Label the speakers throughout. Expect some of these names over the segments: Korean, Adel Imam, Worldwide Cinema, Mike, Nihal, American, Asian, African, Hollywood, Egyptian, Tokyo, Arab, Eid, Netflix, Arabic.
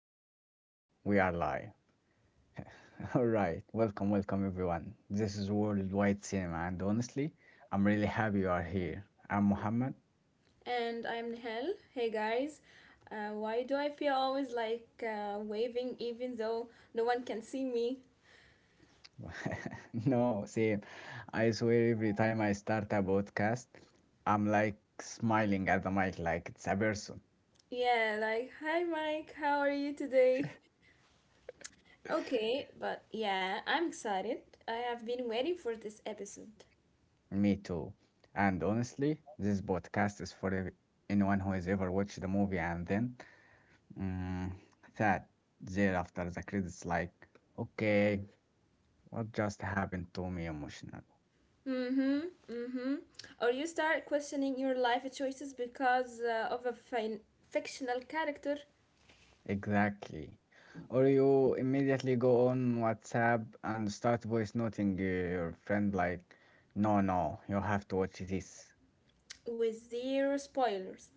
Speaker 1: li- we live? We are live. All right. Welcome, everyone. This is Worldwide Cinema and honestly, I'm really happy you are here. I'm Muhammad.
Speaker 2: And I'm Nihal. Hey guys. Why do I feel always like waving even though no one can see me?
Speaker 1: No, see, I swear every time I start a podcast, I'm like smiling at the mic like it's a person.
Speaker 2: Yeah, like, hi Mike, how are you today? Okay, but yeah, I'm excited. I have been waiting for this episode.
Speaker 1: Me too. And honestly, this podcast is for anyone who has ever watched the movie and then Mm, that thereafter the credits like, okay, what just happened to me emotional?
Speaker 2: Mm-hmm, mm-hmm. Or you start questioning your life choices because of a fictional character
Speaker 1: Exactly. Or you immediately go on WhatsApp and start voice noting your friend like, no, no, you have to watch this.
Speaker 2: with zero spoilers.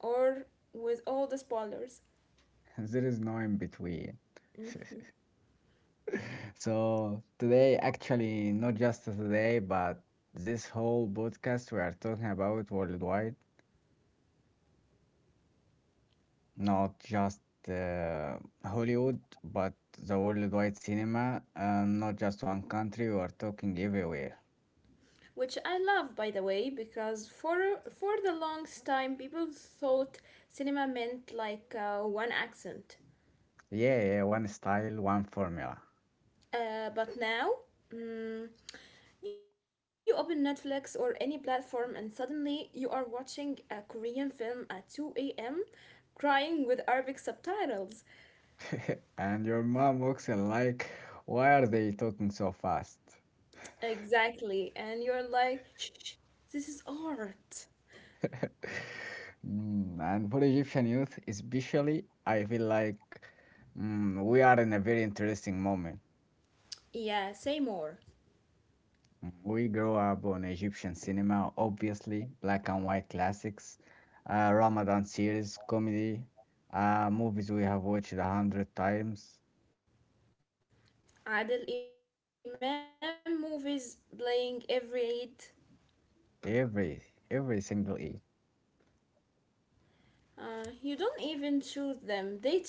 Speaker 2: Or with all the spoilers.
Speaker 1: There is no in between. So today, actually, not just today, but this whole podcast we are talking about worldwide. Not just uh, Hollywood, but the worldwide cinema, and not just one country, we are talking everywhere.
Speaker 2: Which I love, by the way, because for the longest time people thought cinema meant like one accent.
Speaker 1: Yeah, yeah, one style, one formula.
Speaker 2: Uh, but now mm, you open Netflix or any platform and suddenly you are watching a Korean film at 2 a.m., crying with Arabic subtitles.
Speaker 1: And your mom looks in like, why are they talking so fast?
Speaker 2: Exactly, and you're like, shh, shh, this is art.
Speaker 1: And for Egyptian youth, especially, I feel like we are in a very interesting moment.
Speaker 2: Yeah, say more.
Speaker 1: We grew up on Egyptian cinema, obviously, black and white classics, Ramadan series, comedy, movies we have watched a hundred times,
Speaker 2: Adel Imam movies playing every Eid.
Speaker 1: every every single Eid.
Speaker 2: You don't even choose them, they choose you.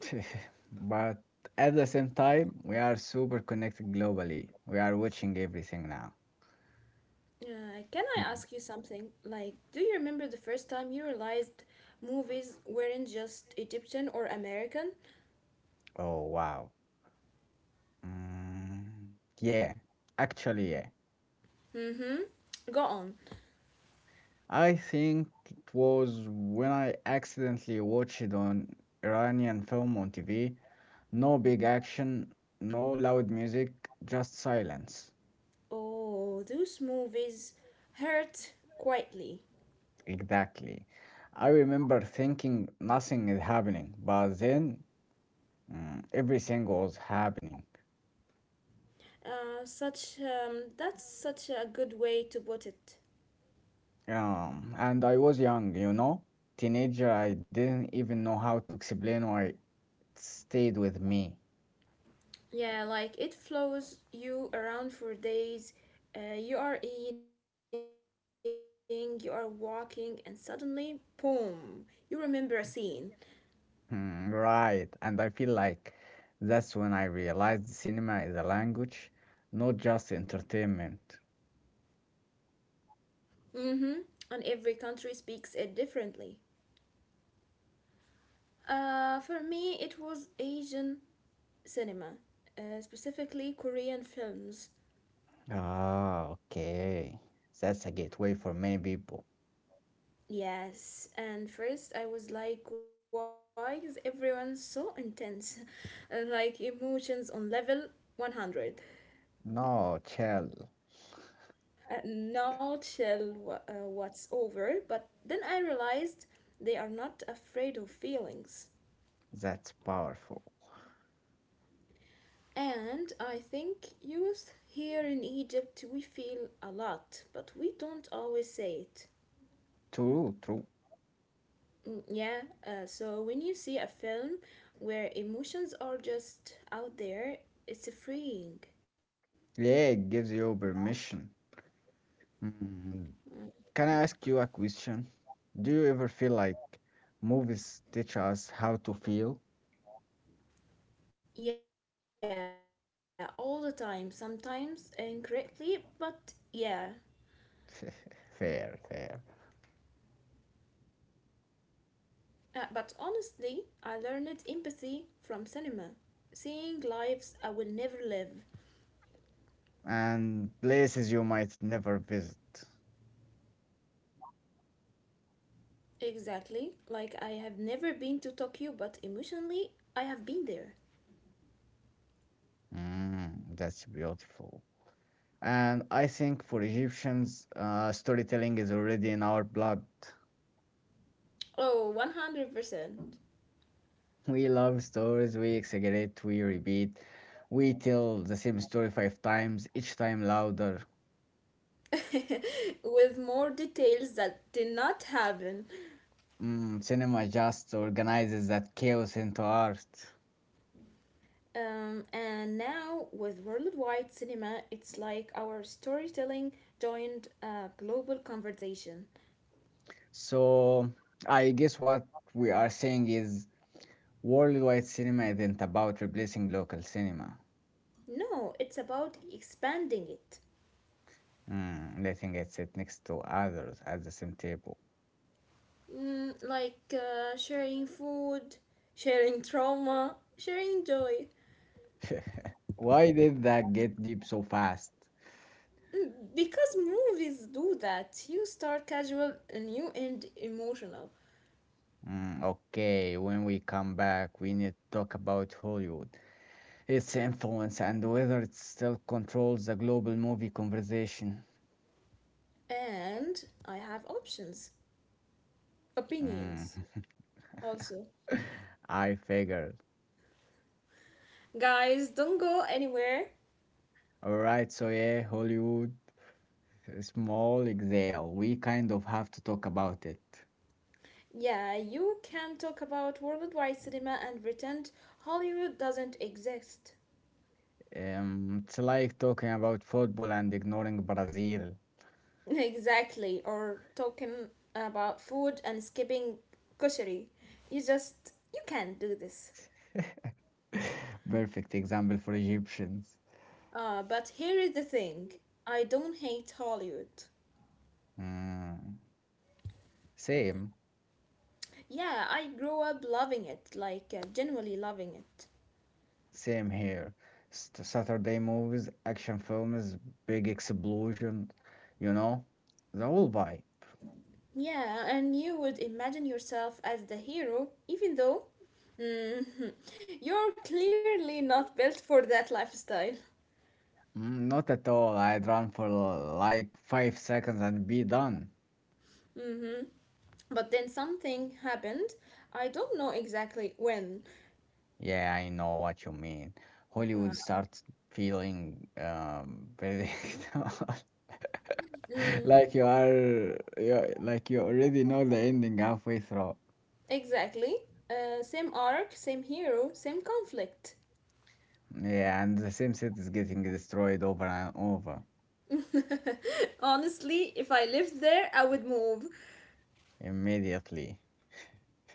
Speaker 1: But at the same time, we are super connected globally. We are watching everything now.
Speaker 2: Can I ask
Speaker 1: Mhm.
Speaker 2: you something? Like, do you remember the first time you realized movies weren't just Egyptian or American?
Speaker 1: Oh wow. Mm, yeah, actually, yeah.
Speaker 2: Mm hmm. Go on.
Speaker 1: I think it was when I accidentally watched it on Iranian film on TV. No big action, no loud music, just silence.
Speaker 2: Oh, those movies hurt quietly.
Speaker 1: Exactly. I remember thinking nothing is happening, but then everything was happening.
Speaker 2: Such that's such a good way to put it.
Speaker 1: And I was young, you know, teenager. I didn't even know how to explain why it stayed with me.
Speaker 2: Yeah, like it flows you around for days. You are eating, you are walking, and suddenly, boom, you remember a scene.
Speaker 1: Right, and I feel like that's when I realized cinema is a language, not just entertainment.
Speaker 2: Mm-hmm. And every country speaks it differently. For me, it was Asian cinema, specifically Korean films.
Speaker 1: Ah, okay. That's a gateway for many people.
Speaker 2: Yes, and first I was like, why is everyone so intense? And like emotions on level 100.
Speaker 1: No, chill.
Speaker 2: Not tell what's over, but then I realized they are not afraid of feelings.
Speaker 1: That's powerful.
Speaker 2: And I think youth here in Egypt, we feel a lot, but we don't always say it.
Speaker 1: True, true.
Speaker 2: Mm, yeah, so when you see a film where emotions are just out there, it's freeing.
Speaker 1: Yeah, it gives you permission. Hmm, Can I ask you a question? Do you ever feel like movies teach us how to feel?
Speaker 2: Yeah, all the time, sometimes incorrectly, but yeah.
Speaker 1: Fair, fair.
Speaker 2: But honestly, I learned empathy from cinema, seeing lives I will never live.
Speaker 1: And places you might never visit.
Speaker 2: Exactly, like I have never been to Tokyo, but emotionally, I have been there.
Speaker 1: That's beautiful. And I think for Egyptians, storytelling is already in our blood.
Speaker 2: Oh, 100%.
Speaker 1: We love stories, we exaggerate, we repeat, we tell the same story five times, each time louder.
Speaker 2: With more details that did not happen.
Speaker 1: Cinema just organizes that chaos into art.
Speaker 2: And now, with worldwide cinema, it's like our storytelling joined a global conversation.
Speaker 1: So I guess what we are saying is worldwide cinema isn't about replacing local cinema,
Speaker 2: No, it's about expanding it.
Speaker 1: letting it sit next to others at the same table.
Speaker 2: Like sharing food, sharing trauma, sharing joy.
Speaker 1: Why did that get deep so fast?
Speaker 2: Because movies do that. You start casual and you end emotional.
Speaker 1: Okay, when we come back, we need to talk about Hollywood, its influence, and whether it still controls the global movie conversation.
Speaker 2: And I have options,
Speaker 1: Mm.
Speaker 2: opinions also.
Speaker 1: I figured.
Speaker 2: Guys, don't go anywhere.
Speaker 1: Alright, so yeah, Hollywood, a small exhale. We kind of have to talk about it.
Speaker 2: Yeah, you can talk about worldwide cinema and pretend Hollywood doesn't exist.
Speaker 1: It's like talking about football and ignoring Brazil.
Speaker 2: Exactly, or talking about food and skipping grocery. You can't do this.
Speaker 1: Perfect example for Egyptians.
Speaker 2: But here is the thing. I don't hate Hollywood.
Speaker 1: Mm, same.
Speaker 2: Yeah, I grew up loving it, like genuinely loving it.
Speaker 1: Same here. Saturday movies, action films, big explosion, you know, the whole vibe.
Speaker 2: Yeah, and you would imagine yourself as the hero, even though mhm, you're clearly not built for that lifestyle.
Speaker 1: Mm, not at all. I'd run for like 5 seconds and be done.
Speaker 2: Hmm. But then something happened. I don't know exactly when.
Speaker 1: Yeah, I know what you mean.
Speaker 2: Uh,
Speaker 1: Hollywood starts feeling predictable, like you are, you like you already know the ending halfway through.
Speaker 2: Exactly. Same arc, same hero, same conflict.
Speaker 1: Yeah, and the same set is getting destroyed over and over
Speaker 2: Honestly, if I lived there, I would move.
Speaker 1: immediately.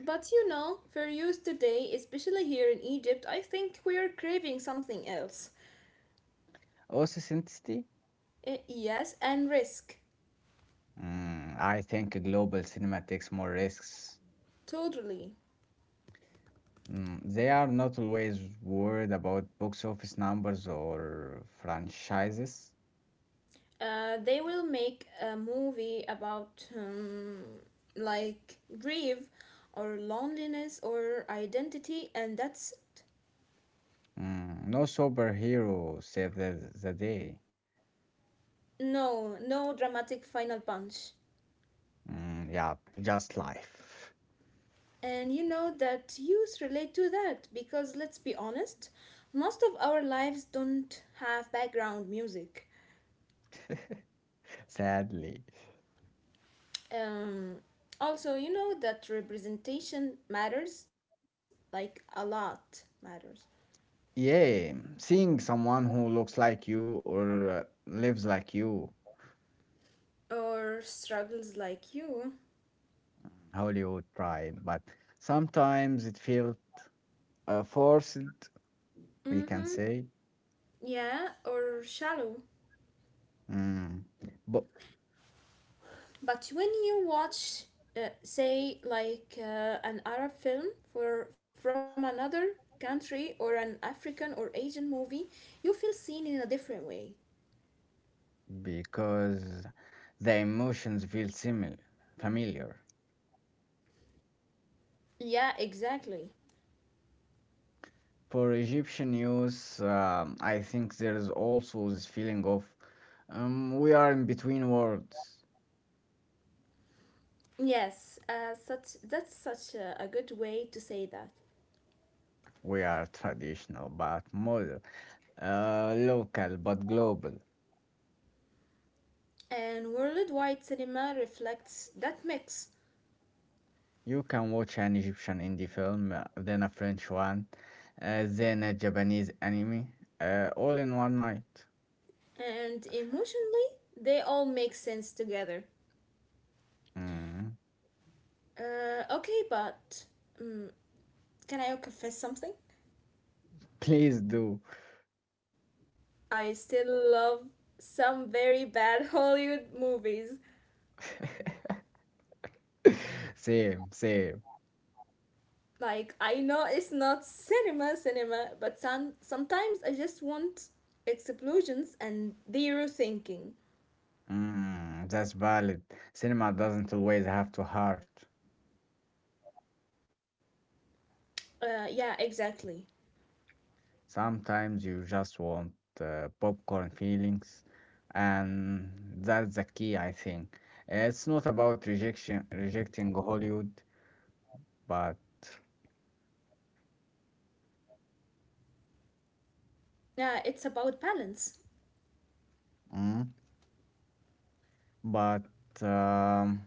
Speaker 2: But for youth today, especially here in Egypt, I think we are craving something else.
Speaker 1: Also, synthesis?
Speaker 2: Yes, and risk.
Speaker 1: Mm, I think global cinema takes more risks.
Speaker 2: Totally.
Speaker 1: Mm, they are not always worried about box office numbers or franchises.
Speaker 2: They will make a movie about, like, grief or loneliness or identity, and that's it.
Speaker 1: Mm, no superhero saved the day.
Speaker 2: No, no dramatic final punch.
Speaker 1: Mm, yeah, just life.
Speaker 2: And you know that youth relate to that because let's be honest, most of our lives don't have background music.
Speaker 1: Sadly.
Speaker 2: Um, also, you know that representation matters like a lot matters.
Speaker 1: Yeah, seeing someone who looks like you or lives like you,
Speaker 2: Or struggles like you.
Speaker 1: Hollywood tried, but sometimes it feels forced, we can
Speaker 2: Mm-hmm.
Speaker 1: say.
Speaker 2: Yeah, or shallow.
Speaker 1: Mm. But
Speaker 2: But when you watch, say, like an Arab film for from another country or an African or Asian movie, you feel seen in a different way.
Speaker 1: because the emotions feel similar, familiar.
Speaker 2: Yeah, exactly.
Speaker 1: For Egyptian youth, I think there is also this feeling of we are in between worlds.
Speaker 2: Yes, such that's such a good way to say that.
Speaker 1: We are traditional but modern, local but global.
Speaker 2: And worldwide cinema reflects that mix,
Speaker 1: You can watch an Egyptian indie film, then a French one, then a Japanese anime, all in one night.
Speaker 2: and emotionally, they all make sense together.
Speaker 1: Mm,
Speaker 2: Okay, but um, can I confess something?
Speaker 1: please do.
Speaker 2: I still love some very bad Hollywood movies.
Speaker 1: Same, same.
Speaker 2: Like I know it's not cinema cinema, but sometimes I just want explosions and zero thinking.
Speaker 1: Mm, that's valid. Cinema doesn't always have to hurt.
Speaker 2: Yeah, exactly.
Speaker 1: Sometimes you just want popcorn feelings, and that's the key, I think. It's not about rejecting Hollywood, but
Speaker 2: Yeah, it's about balance,
Speaker 1: mm, but um,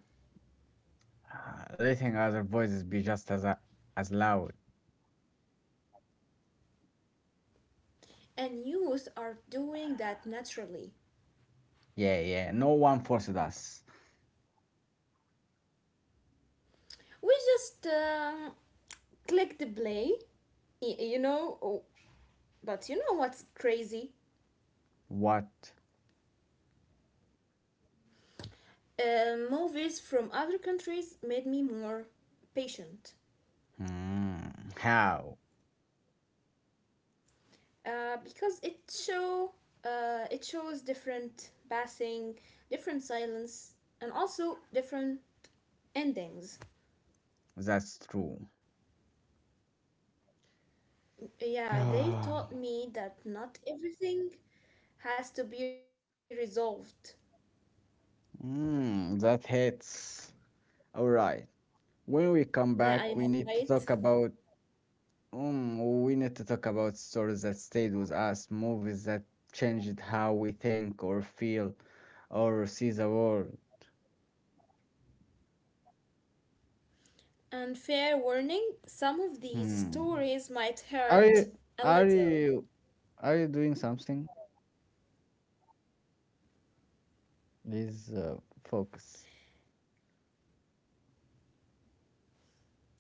Speaker 1: letting other voices be just as loud.
Speaker 2: and youth are doing that naturally.
Speaker 1: Yeah, yeah. No one forced us.
Speaker 2: We just click the play. Oh, but you know what's crazy?
Speaker 1: What?
Speaker 2: Movies from other countries made me more patient.
Speaker 1: Mm, how?
Speaker 2: Because it shows different passing, different silence, and also different endings.
Speaker 1: That's true.
Speaker 2: Yeah, they taught me that not everything has to be resolved.
Speaker 1: Mm, that hits. All right. When
Speaker 2: Yeah,
Speaker 1: we
Speaker 2: I know,
Speaker 1: come back,
Speaker 2: right?
Speaker 1: we need to talk about stories that stayed with us, movies that changed how we think or feel or see the world.
Speaker 2: And fair warning, some of these stories
Speaker 1: Hmm.
Speaker 2: might hurt
Speaker 1: Are
Speaker 2: a
Speaker 1: you are
Speaker 2: little
Speaker 1: you are you doing something? Please focus.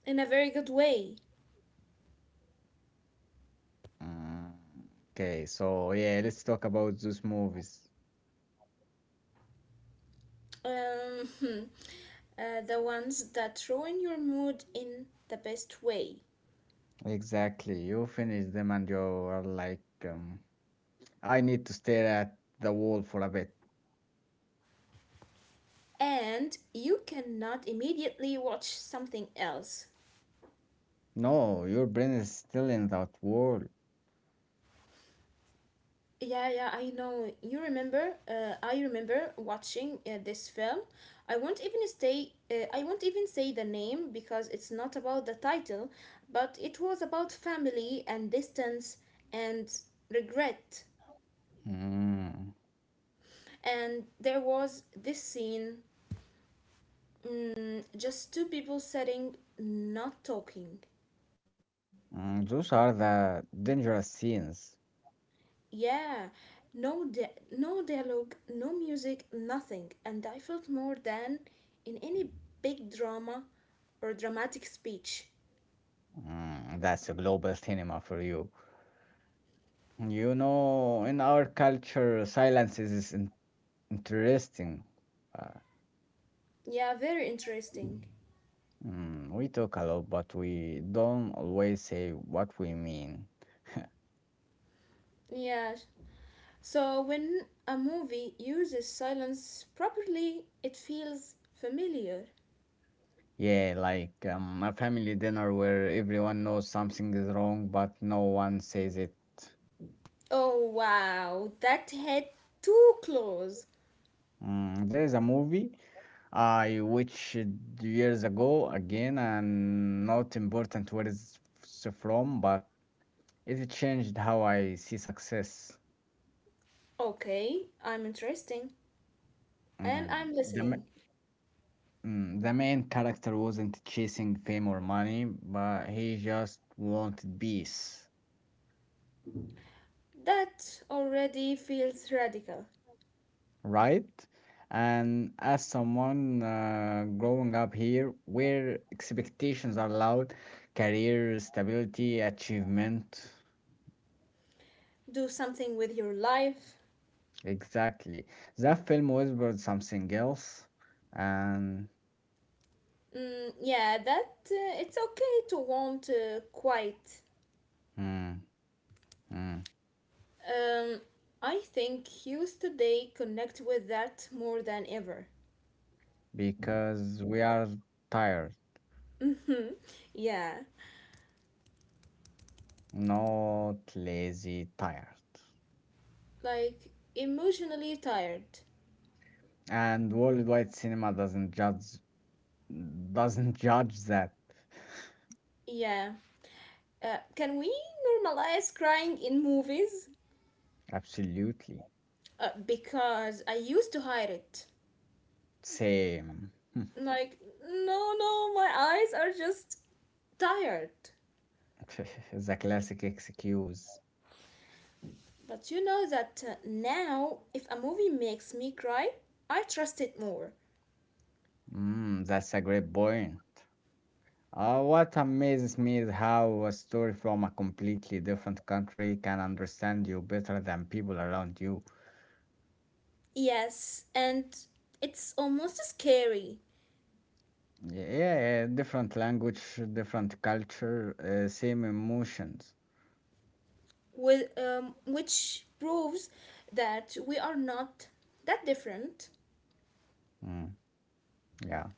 Speaker 2: in a very good way.
Speaker 1: Mm, okay, so yeah, let's talk about those movies.
Speaker 2: Um, the ones that ruin your mood in the best way.
Speaker 1: Exactly. You finish them and you are like um I need to stare at the wall for a bit.
Speaker 2: And you cannot immediately watch something else.
Speaker 1: No, your brain is still in that wall.
Speaker 2: Yeah, yeah, I know. You remember? I remember watching this film. I won't even stay. I won't even say the name because it's not about the title, but it was about family and distance and regret.
Speaker 1: Mm.
Speaker 2: And there was this scene, just two people sitting, not talking.
Speaker 1: Mm, those are the dangerous scenes.
Speaker 2: Yeah, no, no dialogue, no music, nothing. And I felt more than in any big drama or dramatic speech.
Speaker 1: Mm, that's a global cinema for you. You know, in our culture, silence is interesting. Uh,
Speaker 2: Yeah, very interesting.
Speaker 1: we talk a lot, but we don't always say what we mean.
Speaker 2: Yeah. So when a movie uses silence properly, it feels familiar.
Speaker 1: Yeah, like a family dinner where everyone knows something is wrong, but no one says it.
Speaker 2: Oh wow, that hit too close.
Speaker 1: Mm, there is a movie I watched years ago again, and not important where it's from, but it changed how I see success.
Speaker 2: Okay, I'm interesting and
Speaker 1: Mm,
Speaker 2: I'm
Speaker 1: the
Speaker 2: listening.
Speaker 1: ma- the main character wasn't chasing fame or money, but he just wanted peace,
Speaker 2: That already feels radical.
Speaker 1: right? And as someone growing up here, where expectations are loud, career stability, achievement.
Speaker 2: Do something with your life.
Speaker 1: Exactly. That film whispered something else, and
Speaker 2: Mm, yeah, that it's okay to want quiet.
Speaker 1: mm, mm,
Speaker 2: Um, I think youth today connect with that more than ever.
Speaker 1: because we are tired,
Speaker 2: Mhm, yeah,
Speaker 1: not lazy, tired.
Speaker 2: like emotionally tired.
Speaker 1: And worldwide cinema doesn't judge that.
Speaker 2: Yeah. Can we normalize crying in movies?
Speaker 1: Absolutely.
Speaker 2: Because I used to hide it.
Speaker 1: Same.
Speaker 2: Like, no, no, my eyes are just tired.
Speaker 1: The classic excuse.
Speaker 2: But you know that now, if a movie makes me cry, I trust it more.
Speaker 1: Mm, that's a great point. What amazes me is how a story from a completely different country can understand you better than people around you.
Speaker 2: Yes, and it's almost scary,
Speaker 1: Yeah, different language, different culture, same emotions.
Speaker 2: which proves that we are not that different.
Speaker 1: Mm, yeah.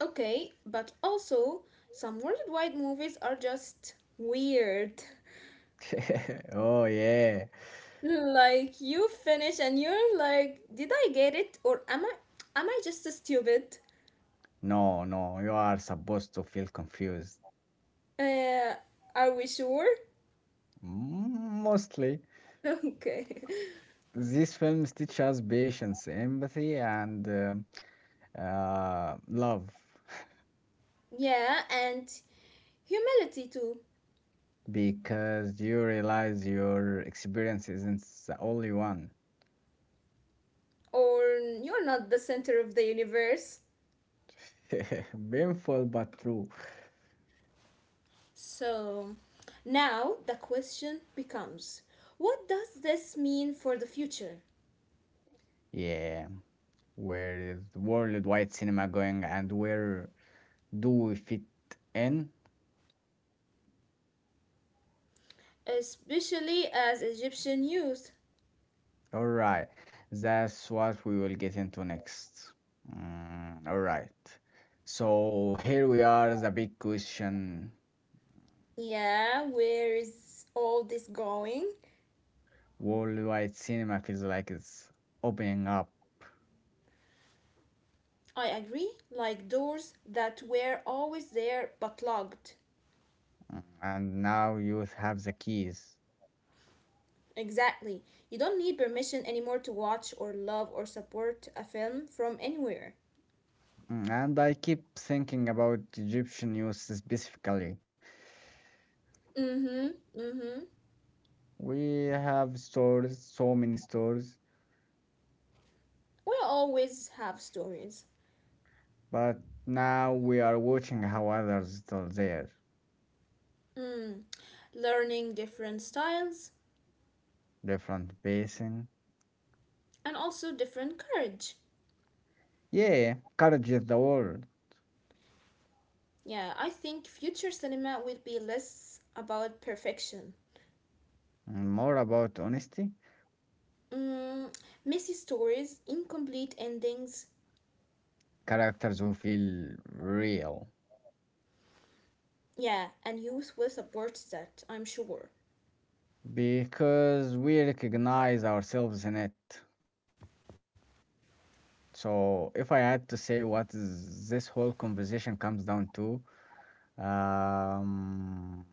Speaker 2: Okay, but also, some worldwide movies are just weird.
Speaker 1: Oh, yeah.
Speaker 2: Like you finish and you're like, did I get it or am I just stupid?
Speaker 1: No, no, you are supposed to feel confused.
Speaker 2: Uh, are we sure?
Speaker 1: Mm, mostly.
Speaker 2: Okay.
Speaker 1: These films teach us patience, empathy, and love.
Speaker 2: Yeah, and humility too.
Speaker 1: Because you realize your experience isn't the only one.
Speaker 2: Or you're not the center of the universe.
Speaker 1: Painful but true.
Speaker 2: So now the question becomes, what does this mean for the future?
Speaker 1: Yeah, where is worldwide cinema going and where do we fit in?
Speaker 2: Especially as Egyptian youth.
Speaker 1: All right, that's what we will get into next. Mm, all right, so here we are, the big question.
Speaker 2: Yeah, where is all this going?
Speaker 1: Worldwide cinema feels like it's opening up,
Speaker 2: I agree, like doors that were always there but locked.
Speaker 1: mm, and now you have the keys.
Speaker 2: Exactly. You don't need permission anymore to watch or love or support a film from anywhere.
Speaker 1: Mm, and I keep thinking about Egyptian youth specifically.
Speaker 2: Mm-hmm. Mm-hmm.
Speaker 1: We have stores, so many stores,
Speaker 2: We always have stories.
Speaker 1: but now we are watching how others tell their
Speaker 2: Mm. Learning different styles
Speaker 1: different basin.
Speaker 2: and also different courage.
Speaker 1: Yeah, courage is the word.
Speaker 2: Yeah, I think future cinema will be less about perfection.
Speaker 1: And more about honesty,
Speaker 2: Mm, messy stories, incomplete endings.
Speaker 1: characters who feel real,
Speaker 2: Yeah, and youth will support that, I'm sure.
Speaker 1: because we recognize ourselves in it. So, if I had to say what is this whole conversation comes down to, um,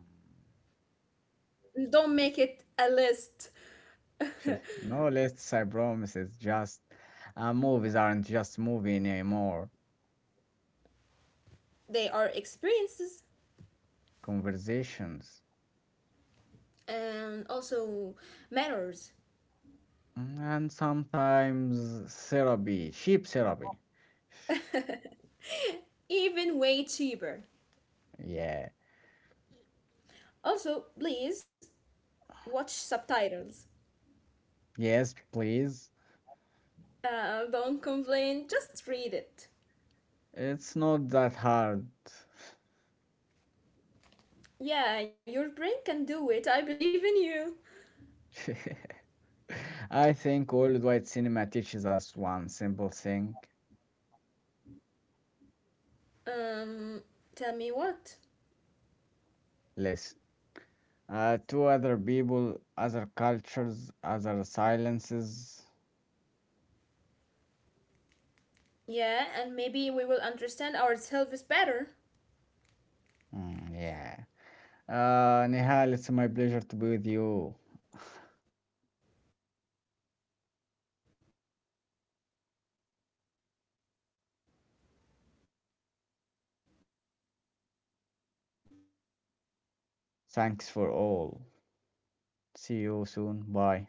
Speaker 2: Don't make it a list.
Speaker 1: no lists, I promise. It's just movies aren't just movie anymore.
Speaker 2: They are experiences
Speaker 1: Conversations.
Speaker 2: and also manners,
Speaker 1: Mm, and sometimes therapy, sheep therapy.
Speaker 2: even way cheaper.
Speaker 1: Yeah.
Speaker 2: Also, please watch subtitles.
Speaker 1: Yes, please.
Speaker 2: Don't complain, just read it.
Speaker 1: It's not that hard.
Speaker 2: Yeah, your brain can do it. I believe in you.
Speaker 1: I think old white cinema teaches us one simple thing:
Speaker 2: Um, tell me what?
Speaker 1: listen to other people, other cultures, other silences.
Speaker 2: Yeah, and maybe we will understand ourselves better.
Speaker 1: Mm, yeah. Nihal, it's my pleasure to be with you. Thanks for all. See you soon. Bye.